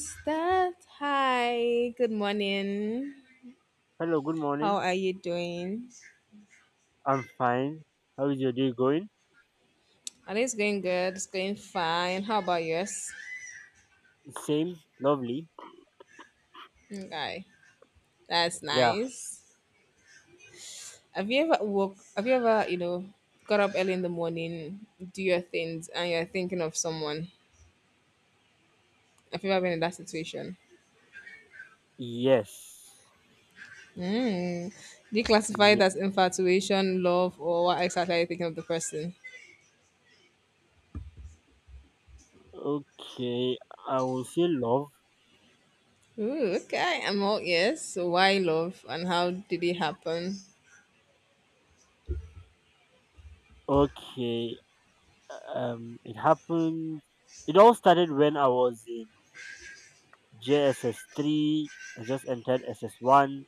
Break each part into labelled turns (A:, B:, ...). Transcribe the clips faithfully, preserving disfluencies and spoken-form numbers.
A: Start. Hi, good morning.
B: Hello, good
A: How
B: morning.
A: are you doing?
B: I'm fine. How is your day going?
A: Are it's going good? It's going fine. How about yours?
B: Same, lovely.
A: Okay, that's
B: Yeah.
A: nice. Have you ever woke? Have you ever, you know, got up early in the morning, do your things, and you're thinking of someone? Have you ever been in that situation?
B: Yes.
A: Mm. Do you classify
B: Yeah.
A: it as infatuation, love, or what exactly are you thinking of the person?
B: Okay. I will say love.
A: Ooh, okay, I'm all yes. So why love, and how did it happen?
B: Okay. Um, it happened. It all started when I was in J S S three. I just entered S S one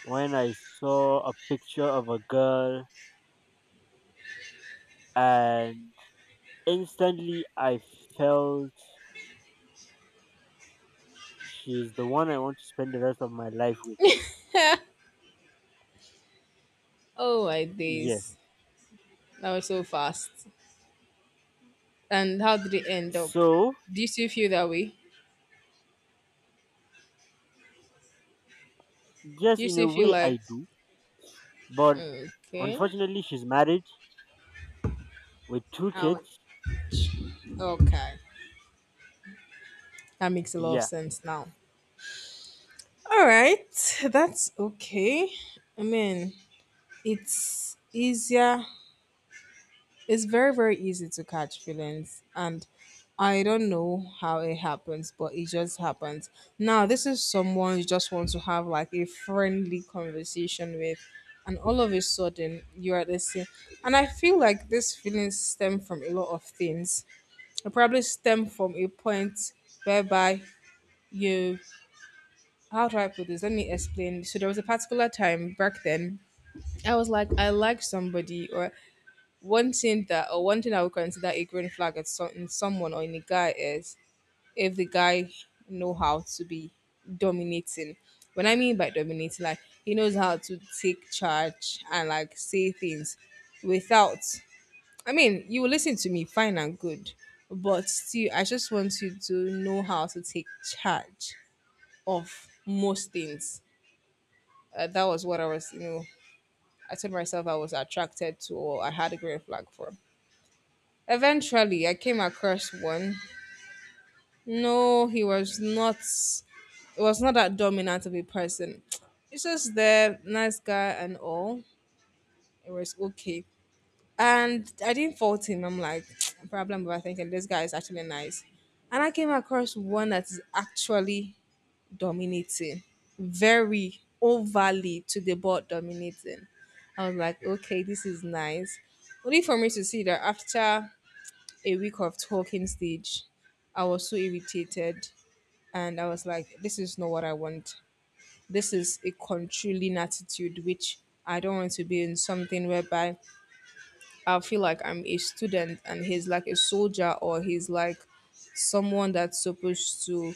B: when I saw a picture of a girl, and instantly I felt she's the one I want to spend the rest of my life with.
A: Oh my
B: Yes.
A: days. That was so fast. And how did it end up?
B: So
A: Do you still feel that way?
B: Yes,
A: Do you
B: in a
A: still feel
B: way
A: like
B: I do, but
A: okay?
B: unfortunately she's married with two
A: Out.
B: kids.
A: Okay. That makes a lot of
B: Yeah.
A: sense now. All right. That's okay. I mean, it's easier it's very, very easy to catch feelings. And I don't know how it happens, but it just happens. Now, this is someone you just want to have like a friendly conversation with. And all of a sudden, you're at the same. And I feel like these feelings stem from a lot of things. It probably stem from a point whereby you. How do I put this? Let me explain. So, there was a particular time back then I was like, I like somebody, or one thing that or one thing I would consider a green flag at some, in someone or in a guy is if the guy know how to be dominating. When I mean by dominating, like he knows how to take charge and like say things without. I mean, you will listen to me, fine and good, but still, I just want you to know how to take charge of most things. Uh, that was what I was, you know, I told myself I was attracted to or I had a green flag for. Eventually, I came across one. No, he was not. It was not that dominant of a person. He's just there, nice guy and all. It was okay, and I didn't fault him. I'm like, problem about thinking this guy is actually nice, and I came across one that is actually dominating, very overly to the board dominating. I was like, okay, this is nice. Only for me to see that after a week of talking stage. I was so irritated and I was like, this is not what I want. This is a controlling attitude, which I don't want to be in something whereby I feel like I'm a student and he's like a soldier or he's like someone that's supposed to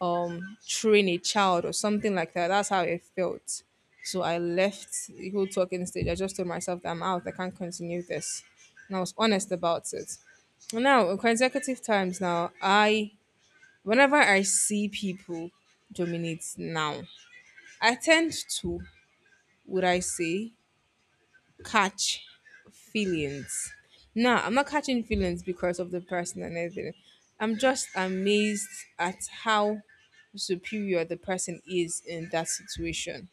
A: um train a child or something like that. That's how it felt. So I left the whole talking stage. I just told myself that I'm out. I can't continue this. And I was honest about it. Now, consecutive times now, I whenever I see people dominate now, I tend to, would I say, catch feelings. No, I'm not catching feelings because of the person and everything. I'm just amazed at how superior the person is in that situation.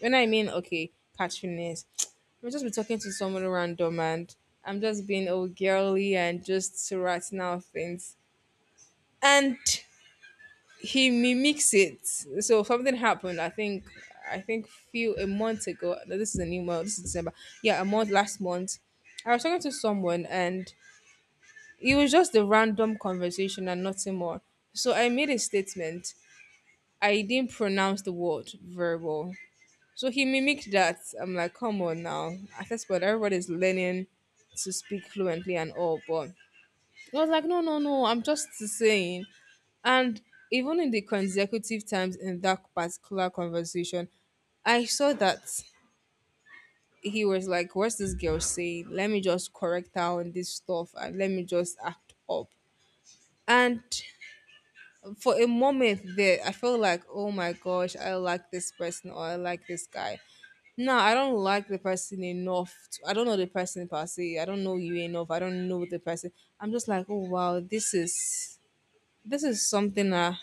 A: When I mean, okay, catch feelings, I'm just be talking to someone random and I'm just being all girly and just sorting out things. And he mimics it. So something happened. I think I think few a month ago. No, this is a new month. This is December. Yeah, a month last month. I was talking to someone and it was just a random conversation and nothing more. So I made a statement. I didn't pronounce the word very well. So he mimicked that. I'm like, come on now. At this point, everybody's learning to speak fluently and all, but I was like, no, no, no, I'm just saying. And even in the consecutive times in that particular conversation, I saw that he was like, what's this girl saying? Let me just correct her on this stuff and let me just act up. And for a moment there, I felt like, oh my gosh, I like this person or I like this guy. No, I don't like the person enough. To, I don't know the person per se. I don't know you enough. I don't know the person. I'm just like, oh wow, this is this is something uh,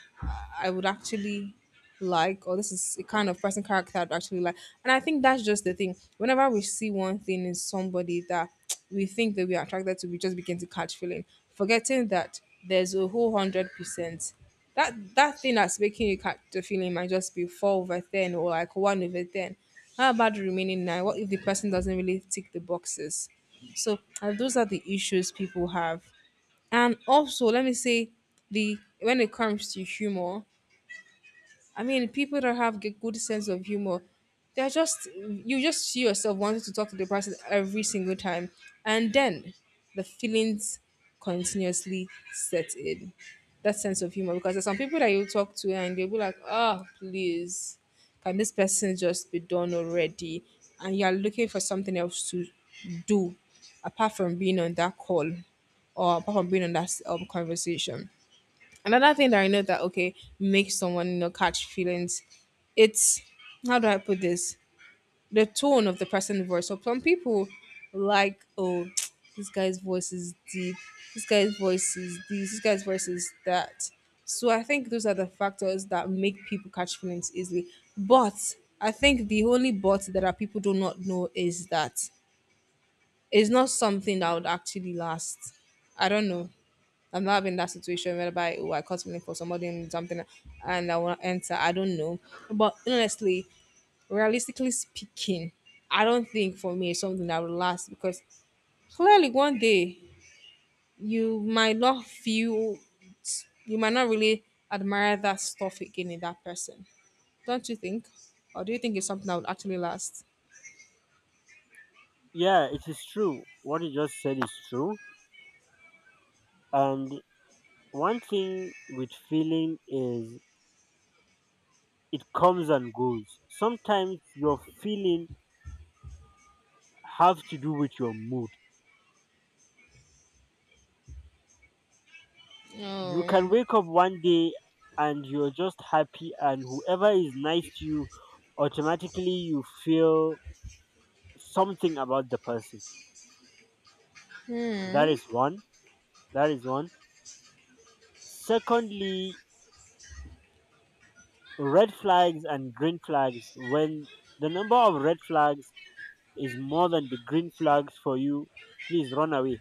A: I would actually like, or this is a kind of person character I'd actually like. And I think that's just the thing. Whenever we see one thing in somebody that we think that we are attracted to, we just begin to catch feeling, forgetting that there's a whole hundred percent. That that thing that's making you catch the feeling might just be four over ten or like one over ten. How about the remaining nine? What if the person doesn't really tick the boxes? So uh, those are the issues people have. And also, let me say the when it comes to humor, I mean, people that have a good sense of humor, they're just you just see yourself wanting to talk to the person every single time, and then the feelings continuously set in. That sense of humor, because there's some people that you talk to and they'll be like, "Oh, please, can this person just be done already?" And you're looking for something else to do apart from being on that call or apart from being on that um, conversation another thing that I know that okay makes someone you know catch feelings, it's how do I put this? The tone of the person's voice. So some people like oh this guy's voice is deep, this guy's voice is this, this guy's voice is that. So I think those are the factors that make people catch feelings easily. But I think the only but that our people do not know is that it's not something that would actually last. I don't know. I'm not having that situation whereby oh I caught something for somebody and something and I want to enter. I don't know. But honestly, realistically speaking, I don't think for me it's something that will last because clearly one day you might not feel you might not really admire that stuff again in that person. Don't you think? Or do you think it's something that would actually last?
B: Yeah, it is true. What you just said is true. And one thing with feeling is it comes and goes. Sometimes your feeling have to do with your mood. You
A: Oh.
B: can wake up one day and you're just happy, and whoever is nice to you automatically you feel something about the person. That
A: Hmm.
B: is one. That is one. Secondly, red flags and green flags, when the number of red flags is more than the green flags for you, please run away,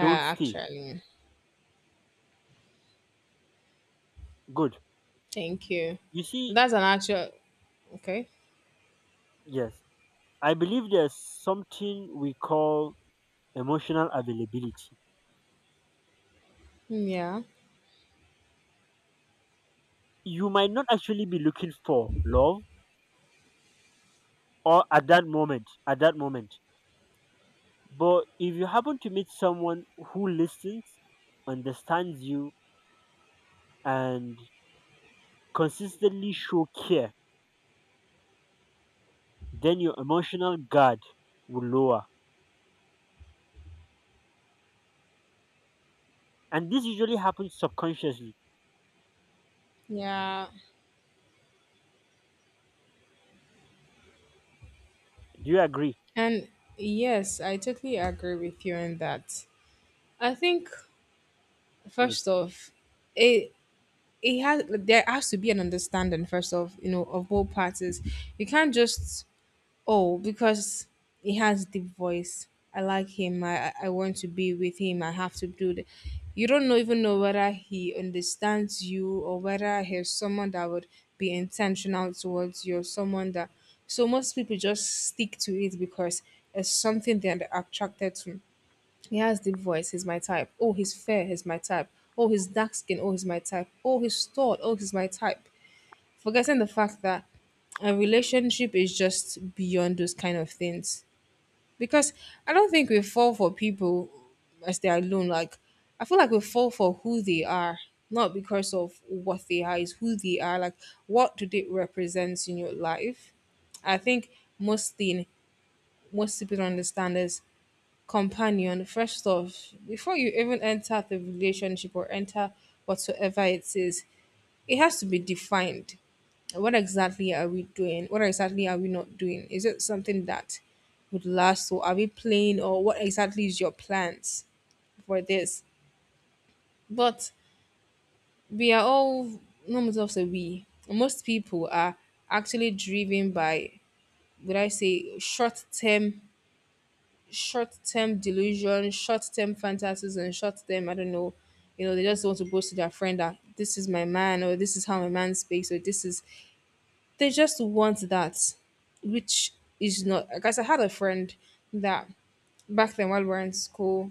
B: don't stay.
A: actually.
B: Good,
A: Thank you.
B: you see.
A: That's an actual okay.
B: Yes, I believe there's something we call emotional availability.
A: Mm, yeah.
B: You might not actually be looking for love, or at that moment at that moment, but if you happen to meet someone who listens, understands you, and consistently show care, then your emotional guard will lower. And this usually happens subconsciously.
A: Yeah.
B: Do you agree?
A: And yes, I totally agree with you on that. I think
B: Good.
A: first off, it it has there has to be an understanding first off, you know, of both parties. You can't just oh, because he has deep voice. I like him. I I I want to be with him. I have to do the. You don't know, even know whether he understands you or whether he's someone that would be intentional towards you. Or someone that. So most people just stick to it because it's something they're attracted to. He has deep voice. He's my type. Oh, he's fair. He's my type. Oh, he's dark skin. Oh, he's my type. Oh, he's tall. Oh, he's my type forgetting the fact that a relationship is just beyond those kind of things. Because I don't think we fall for people as they are alone. Like I feel like we fall for who they are, not because of what they are, is who they are. Like what do they represent in your life? I think most thing most people don't understand is companion. First off, before you even enter the relationship or enter whatsoever it is, it has to be defined what exactly are we doing? What exactly are we not doing? Is it something that would last, or are we playing, or what exactly is your plans for this? But we are all, no matter of the we, most people are actually driven by, would I say, short term, short term delusion, short term fantasies, and short term, I don't know, you know, they just want to boast to their friend that this is my man, or this is how my man speaks, or this is they just want that, which is not. Guys, I had a friend that back then while we were in school,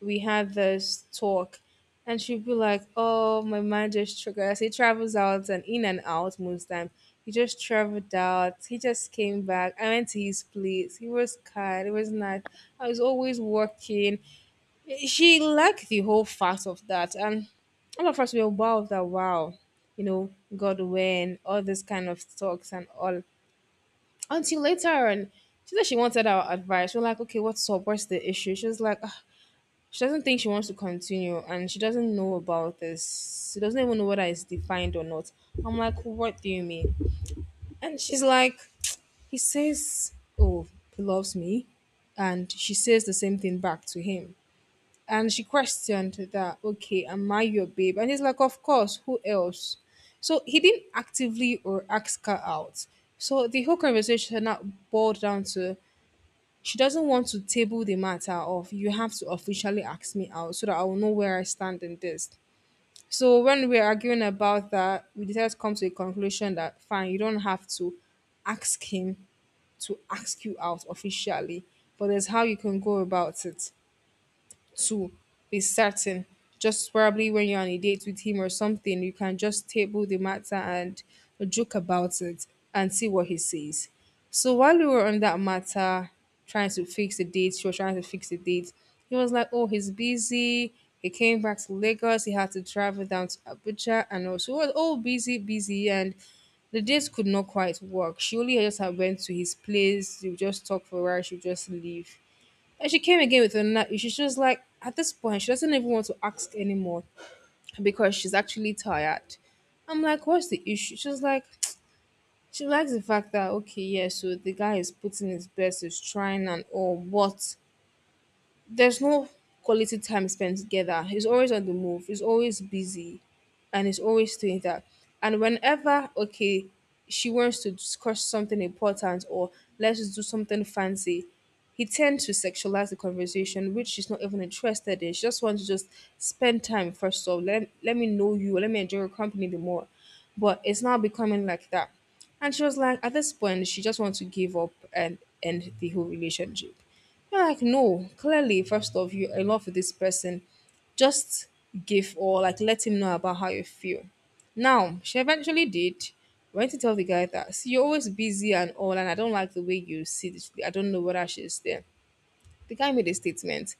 A: we had this talk, and she'd be like, "Oh, my man just triggers. He travels out and in and out most time. He just traveled out. He just came back. I went to his place. He was kind. It was nice. I was always working. She liked the whole fact of that, and all of us were, "Wow, that, wow." you know God, when all this kind of talks and all, until later on, she said she wanted our advice. We're like, "Okay, what's up? What's the issue?" She was like, "Ah, she doesn't think she wants to continue, and she doesn't know about this. She doesn't even know whether it's defined or not." I'm like, "What do you mean?" And she's like, he says, "Oh, he loves me," and she says the same thing back to him. And she questioned that, "Okay, am I your babe?" And he's like, "Of course, who else?" So he didn't actively or ask her out. So the whole conversation now boiled down to she doesn't want to table the matter of, "You have to officially ask me out so that I will know where I stand in this." So when we were arguing about that, we decided to come to a conclusion that fine, you don't have to ask him to ask you out officially, but there's how you can go about it to be certain. Just probably when you're on a date with him or something, you can just table the matter and joke about it and see what he says. So while we were on that matter, trying to fix the date, she was trying to fix the date. He was like, "Oh, he's busy. He came back to Lagos. He had to travel down to Abuja, and also was all busy, busy." And the date could not quite work. She only just had went to his place. They would just talk for a while. She would just leave. And she came again with another issue. She was like, at this point, she doesn't even want to ask anymore because she's actually tired. I'm like, "What's the issue?" She was like, she likes the fact that, okay, yeah, so the guy is putting his best, he's trying and all, but there's no quality time spent together. He's always on the move. He's always busy, and he's always doing that. And whenever, okay, she wants to discuss something important or let's just do something fancy, he tends to sexualize the conversation, which she's not even interested in. She just wants to just spend time first of all. Let, let me know you. Let me enjoy your company the more. But it's now becoming like that. And she was like, at this point, she just wants to give up and end the whole relationship. I'm like, "No, clearly, first of, you're in love with this person. Just give, or like, let him know about how you feel." Now, she eventually did. Went to tell the guy that, "See, you're always busy and all, and I don't like the way you see this." I don't know whether she's there. The guy made a statement,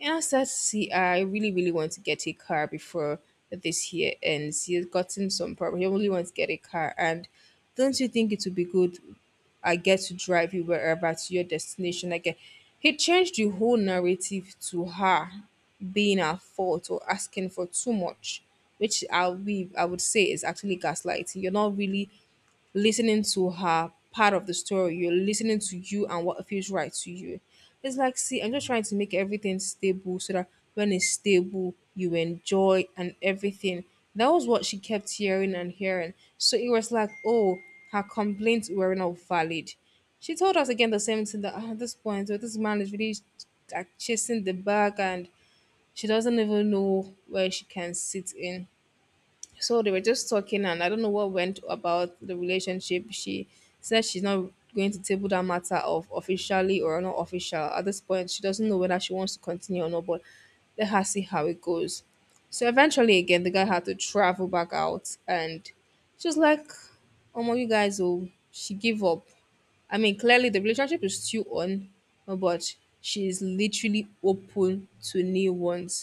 A: and I said, "See, I really, really want to get a car before this year ends." He has gotten some problem. He only wants to get a car. And, "Don't you think it would be good? I get to drive you wherever to your destination." I, he changed the whole narrative to her being at fault or asking for too much, which I we I would say is actually gaslighting. You're not really listening to her part of the story. You're listening to you and what feels right to you. It's like, "See, I'm just trying to make everything stable so that when it's stable, you enjoy and everything." That was what she kept hearing and hearing. So it was like, oh, her complaints were not valid. She told us again the same thing that, "Ah, at this point, oh, this man is really like chasing the bag," and she doesn't even know where she can sit in. So they were just talking, and I don't know what went about the relationship. She said she's not going to table that matter of officially or not official. At this point, she doesn't know whether she wants to continue or not, but let her see how it goes. So eventually, again, the guy had to travel back out, and she was like, "Oh my, you guys, oh, she gave up." I mean, clearly the relationship is still on, but she is literally open to new ones.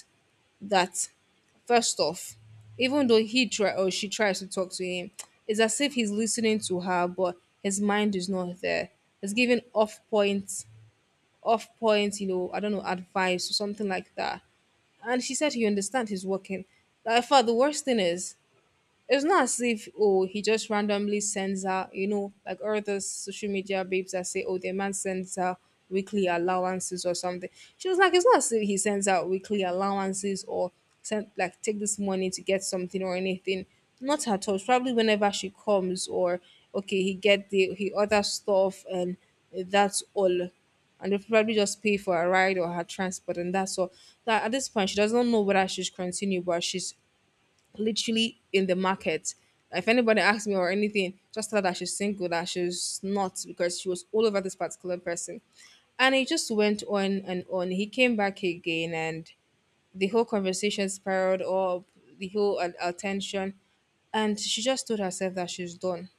A: That, first off, even though he try or she tries to talk to him, it's as if he's listening to her, but his mind is not there. He's giving off points, off point, you know, I don't know, advice or something like that. And she said he understand, he's working. Like, in fact, the worst thing is it's not as if, oh, he just randomly sends her, you know like all those social media babes that say, "Oh, their man sends her weekly allowances or something." She was like, it's not as if he sends out weekly allowances or send, like, "Take this money to get something," or anything, not at all. It's probably whenever she comes, or, okay, he get the, he other stuff, and that's all. And they probably just pay for her ride or her transport, and that's all. That at this point she doesn't know whether she should continue, but she's literally in the market. If anybody asks me or anything, just tell her that she's single, that she's not, because she was all over this particular person. And it just went on and on. He came back again, and the whole conversation spiraled up, the whole uh, attention. And she just told herself that she's done,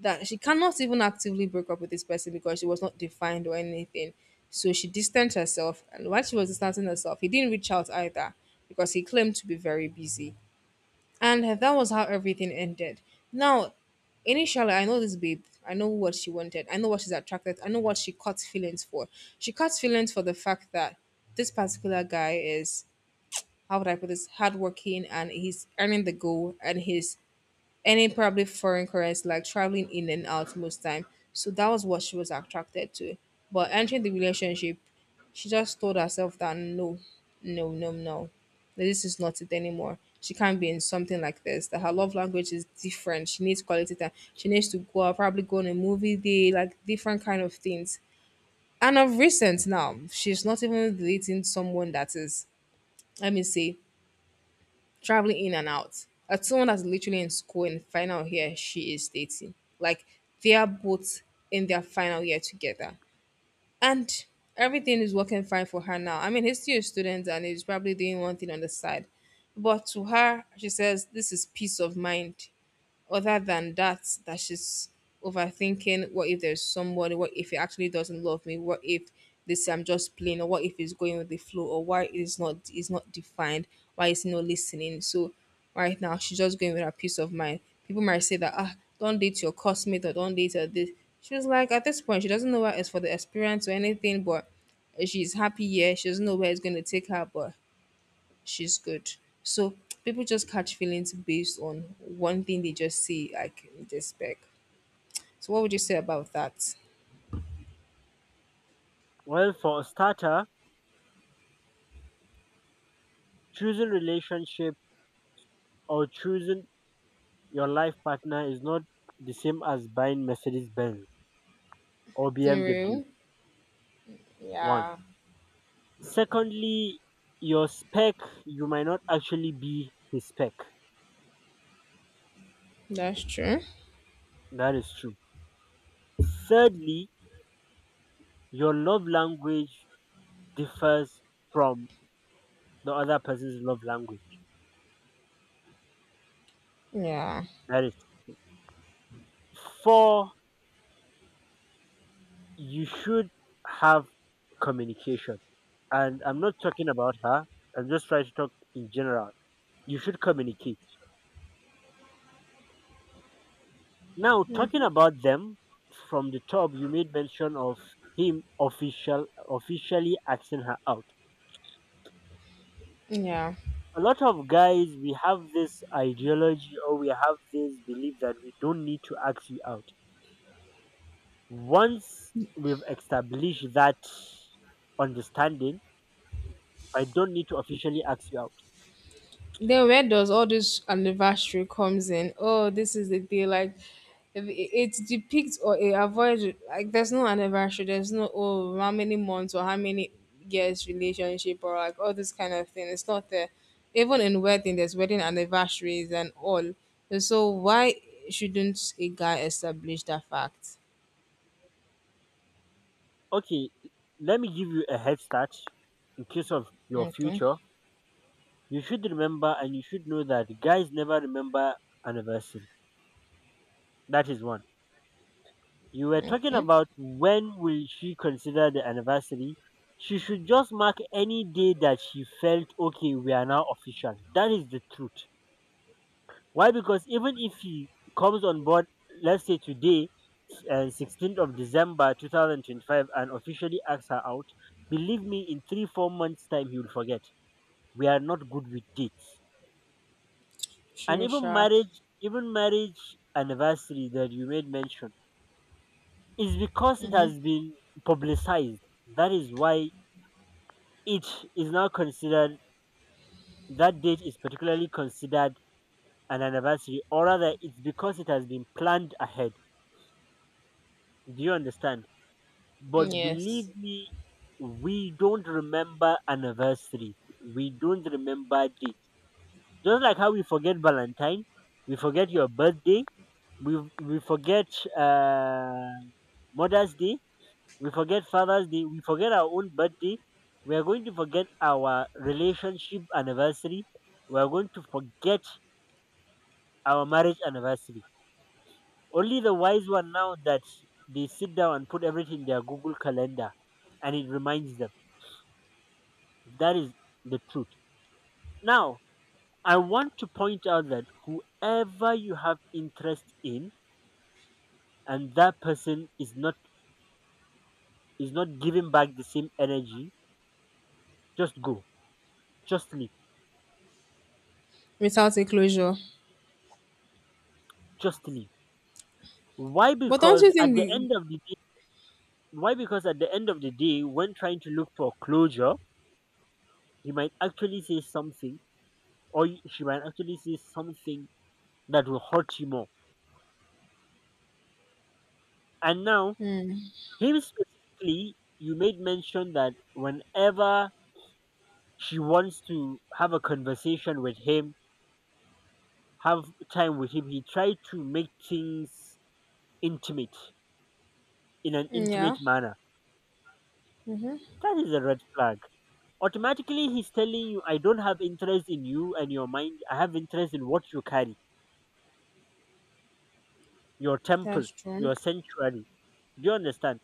A: that she cannot even actively break up with this person because she was not defined or anything. So she distanced herself. And while she was distancing herself, he didn't reach out either because he claimed to be very busy. And that was how everything ended. Now, initially, I know this babe. I know what she wanted. I know what she's attracted. I know what she caught feelings for. She caught feelings for the fact that this particular guy is, how would I put this, hardworking, and he's earning the goal, and he's any probably foreign currency, like traveling in and out most time. So that was what she was attracted to. But entering the relationship, she just told herself that no, no, no, no, like, this is not it anymore. She can't be in something like this. That her love language is different. She needs quality time. She needs to go out, probably go on a movie day, like different kind of things. And of recent now, she's not even dating someone that is, let me say, traveling in and out. As someone that's literally in school in final year, she is dating. Like, they are both in their final year together. And everything is working fine for her now. I mean, he's still a student and he's probably doing one thing on the side. But to her, she says this is peace of mind, other than that that she's overthinking, "What if there's somebody? What if he actually doesn't love me? What if this, I'm just playing? Or what if it's going with the flow? Or why it is not is not defined? Why is he not listening?" So right now, she's just going with her peace of mind. People might say that, "Ah, don't date your cosmate," or, "Don't date her this." She was like, at this point, she doesn't know where it's for the experience or anything, but she's happy here. She doesn't know where it's going to take her, but she's good. So people just catch feelings based on one thing they just see, like in this spec. So what would you say about that?
B: Well, for a starter, choosing relationship or choosing your life partner is not the same as buying Mercedes Benz or B M W.
A: You.
B: One.
A: Yeah.
B: Secondly, your spec, you might not actually be his spec.
A: That's true.
B: That is true. Thirdly, your love language differs from the other person's love language.
A: Yeah.
B: That is four. You should have communication. And I'm not talking about her. I'm just trying to talk in general. You should communicate. Now, talking about them from the top, you made mention of him official officially asking her out.
A: Yeah.
B: A lot of guys, we have this ideology or we have this belief that we don't need to ask you out. Once we've established that understanding, I don't need to officially ask you out.
A: Then where does all this anniversary comes in? Oh, this is the day. Like, if it, it depicts or it avoids, like, there's no anniversary. There's no, "Oh, how many months or how many years relationship," or like all this kind of thing. It's not there. Even in wedding, there's wedding anniversaries and all. And so why shouldn't a guy establish that fact?
B: Okay, let me give you a head start in case of your
A: Okay.
B: future. You should remember and you should know that guys never remember anniversary. That is one. You were talking
A: Okay.
B: about when will she consider the anniversary. She should just mark any day that she felt okay, we are now official. That is the truth. Why? Because even if he comes on board, let's say today, and sixteenth of December twenty twenty-five, and officially asks her out, believe me, in three, four months' time, he will forget. We are not good with dates. And
A: Sure,
B: even
A: sure.
B: marriage even marriage anniversary that you made mention is because it has been publicized. That is why it is now considered, that date is particularly considered an anniversary, or rather it's because it has been planned ahead. Do you understand? But believe
A: Yes.
B: me, we don't remember anniversaries, we don't remember dates, just like how we forget Valentine, we forget your birthday, we we forget uh, Mother's Day, we forget Father's Day, we forget our own birthday. We are going to forget our relationship anniversary. We are going to forget our marriage anniversary. Only the wise one now that they sit down and put everything in their Google Calendar, and it reminds them. That is the truth. Now, I want to point out that whoever you have interest in, and that person is not is not giving back the same energy, just go. Just leave.
A: Without a closure.
B: Just leave. Why?
A: But don't
B: Because
A: you
B: at
A: think
B: the
A: the,
B: end of the day, why? Because at the end of the day, when trying to look for closure, he might actually say something, or y- she might actually say something that will hurt you more. And now,
A: mm,
B: him specifically, you made mention that whenever she wants to have a conversation with him, have time with him, he tried to make things intimate, in an
A: yeah.
B: intimate manner.
A: Mm-hmm.
B: That is a red flag. Automatically he's telling you, I don't have interest in you and your mind, I have interest in what you carry, your temple,
A: That's true.
B: your sanctuary. Do you understand?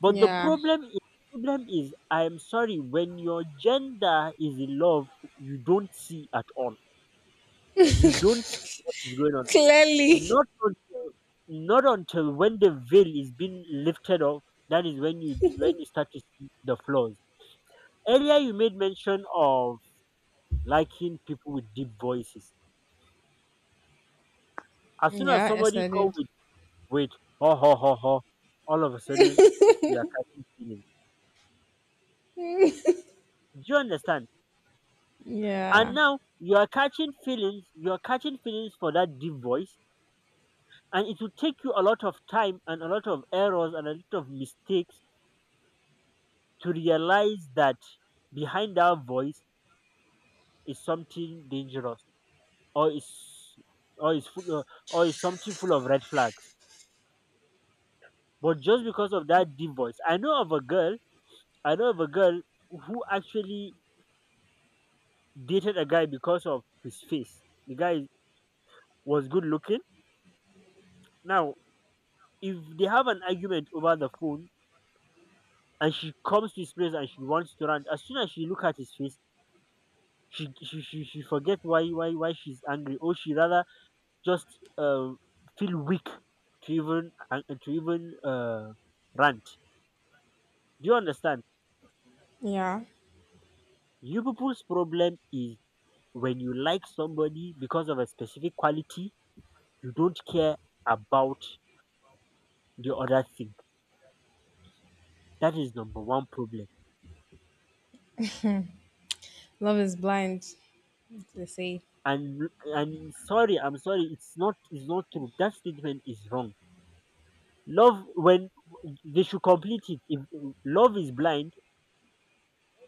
B: But the
A: Yeah.
B: problem is problem is, I am sorry, when your gender is in love, you don't see at all, you don't see what is going on.
A: Clearly.
B: Not until not until when the veil is being lifted off, that is when you when you start to see the flaws. Earlier you made mention of liking people with deep voices. As soon as
A: Yeah, yes,
B: somebody
A: I
B: come
A: did.
B: with, with ho ho ho ho, all of a sudden you are catching feelings. Do you understand? And
A: Yeah.
B: now you are catching feelings, you are catching feelings for that deep voice, and it will take you a lot of time and a lot of errors and a lot of mistakes to realize that behind that voice is something dangerous, or is or is full uh, or is something full of red flags. But just because of that deep voice, I know of a girl, I know of a girl who actually dated a guy because of his face. The guy was good looking. Now, if they have an argument over the phone and she comes to his place and she wants to rant, as soon as she look at his face, she she she, she forget why why why she's angry, or she rather just uh, feel weak to even uh, to even uh, rant. Do you understand?
A: Yeah.
B: You people's problem is, when you like somebody because of a specific quality, you don't care about the other thing. That is number one problem.
A: Love is blind, they say.
B: And and sorry, I'm sorry, it's not it's not true. That statement is wrong. Love when they should complete it. If love is blind,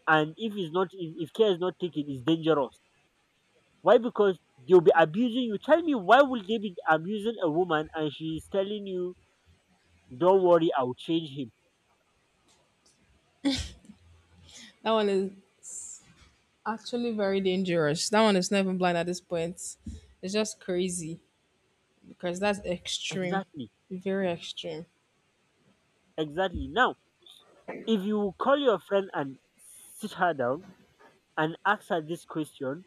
B: and if it's not if, if care is not taken, it's dangerous. Why? Because they'll be abusing you. Tell me, why will they be abusing a woman and she's telling you, don't worry, I'll change him.
A: That one is actually very dangerous. That one is not even blind at this point. It's just crazy because that's extreme.
B: Exactly.
A: Very extreme.
B: Exactly. Now, if you call your friend and sit her down and ask her this question: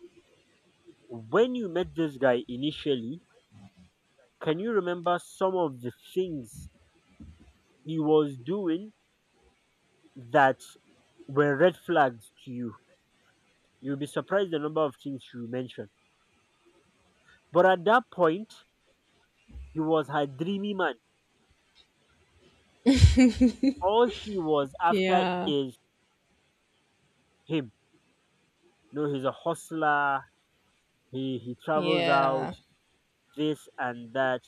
B: when you met this guy initially, can you remember some of the things he was doing that were red flags to you? You'll be surprised the number of things you mentioned. But at that point, he was her dreamy man. All she was after
A: Yeah.
B: is him. No, he's a hustler. He he travels out,
A: Yeah.
B: this and that.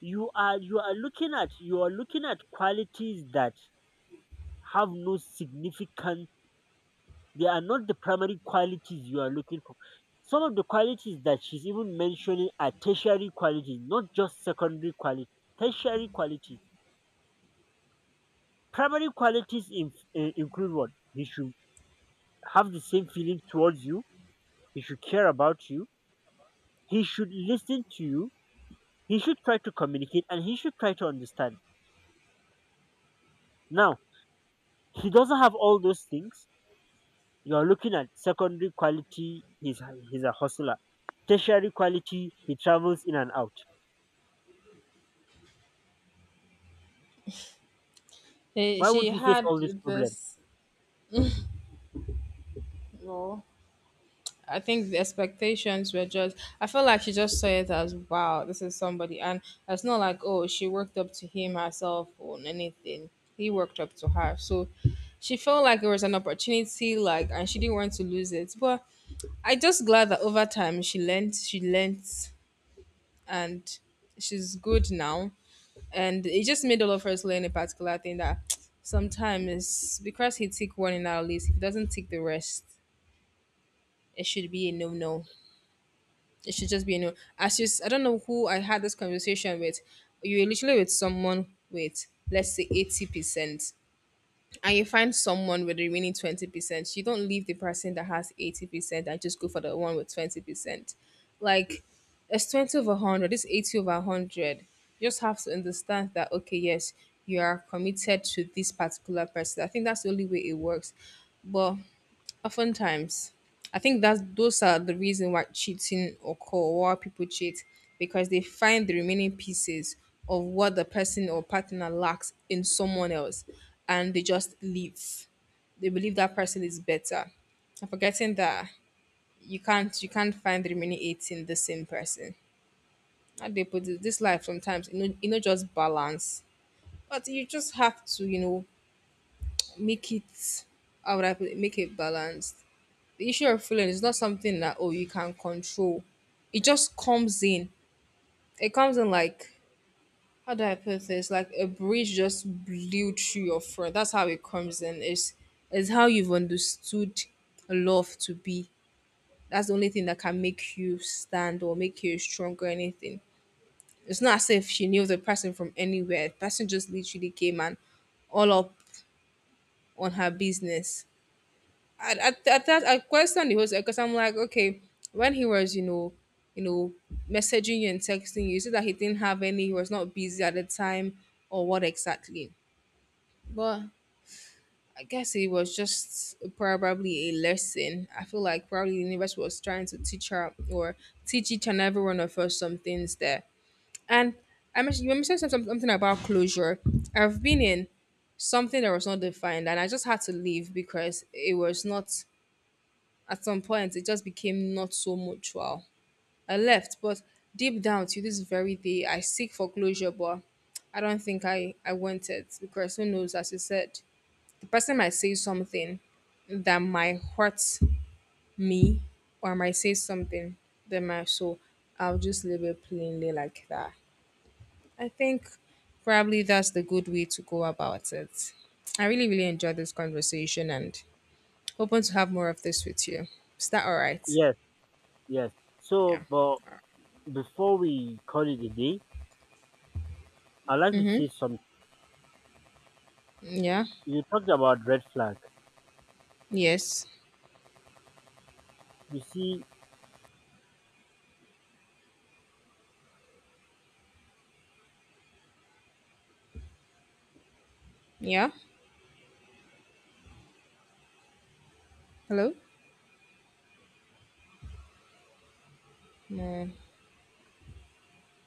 B: You are you are looking at you are looking at qualities that have no significance. They are not the primary qualities you are looking for. Some of the qualities that she's even mentioning are tertiary qualities, not just secondary qualities. Tertiary qualities. Primary qualities, in, eh, include what? He should have the same feeling towards you. He should care about you. He should listen to you. He should try to communicate and he should try to understand. Now, he doesn't have all those things. You're looking at secondary quality. He's, he's a hustler, tertiary quality, he travels in and out.
A: Eh,
B: Why would
A: she
B: we face
A: had
B: all these problems?
A: this. Well, I think the expectations were just, I felt like she just saw it as, "Wow, this is somebody," and it's not like, oh, she worked up to him herself or anything. He worked up to her. So she felt like it was an opportunity, like, and she didn't want to lose it. But I just glad that over time she learnt she learnt, and she's good now. And it just made all of us learn a particular thing that sometimes, because he tick one in our list, if he doesn't tick the rest, it should be a no no. It should just be, you know, as you, s- I don't know who I had this conversation with. You were literally with someone with, let's say, eighty percent, and you find someone with the remaining twenty percent. You don't leave the person that has eighty percent and just go for the one with twenty percent. Like, it's twenty over one hundred, it's eighty over one hundred. You just have to understand that, okay, yes, you are committed to this particular person. I think that's the only way it works. But oftentimes, I think that those are the reason why cheating occur, why people cheat, because they find the remaining pieces of what the person or partner lacks in someone else, and they just leave. They believe that person is better, and forgetting that you can't you can't find the remaining eight in the same person. How they put it, this life sometimes, you know you know just balance, but you just have to, you know, make it. How would I put it? Make it balanced. The issue of feeling is not something that, oh, you can control. It just comes in. It comes in like, how do I put this? Like a breeze just blew through your front. That's how it comes in. It's it's how you've understood love to be. That's the only thing that can make you stand or make you strong or anything. It's not as if she knew the person from anywhere. The person just literally came and all up on her business. At, at, at that, I questioned the host because I'm like, okay, when he was, you know, you know, messaging you and texting you, is it that he didn't have any, he was not busy at the time, or what exactly? But I guess it was just probably a lesson. I feel like probably the universe was trying to teach her or teach each and every one of us some things there. And I mentioned, you mentioned some- some- something about closure. I've been in something that was not defined, and I just had to leave because it was not, at some point, it just became not so mutual. I left, but deep down to this very day, I seek for closure, but I don't think I, I want it because who knows, as you said, the person might say something that might hurt me or might say something that might, so I'll just leave it plainly like that. I think probably that's the good way to go about it. I really, really enjoyed this conversation and hoping to have more of this with you. Is that all right?
B: Yes, yes.
A: Yeah.
B: So, but before we call it a day, I'd like to
A: Mm-hmm.
B: say something.
A: Yeah.
B: You talked about red flag.
A: Yes.
B: You see,
A: Yeah. Hello. No.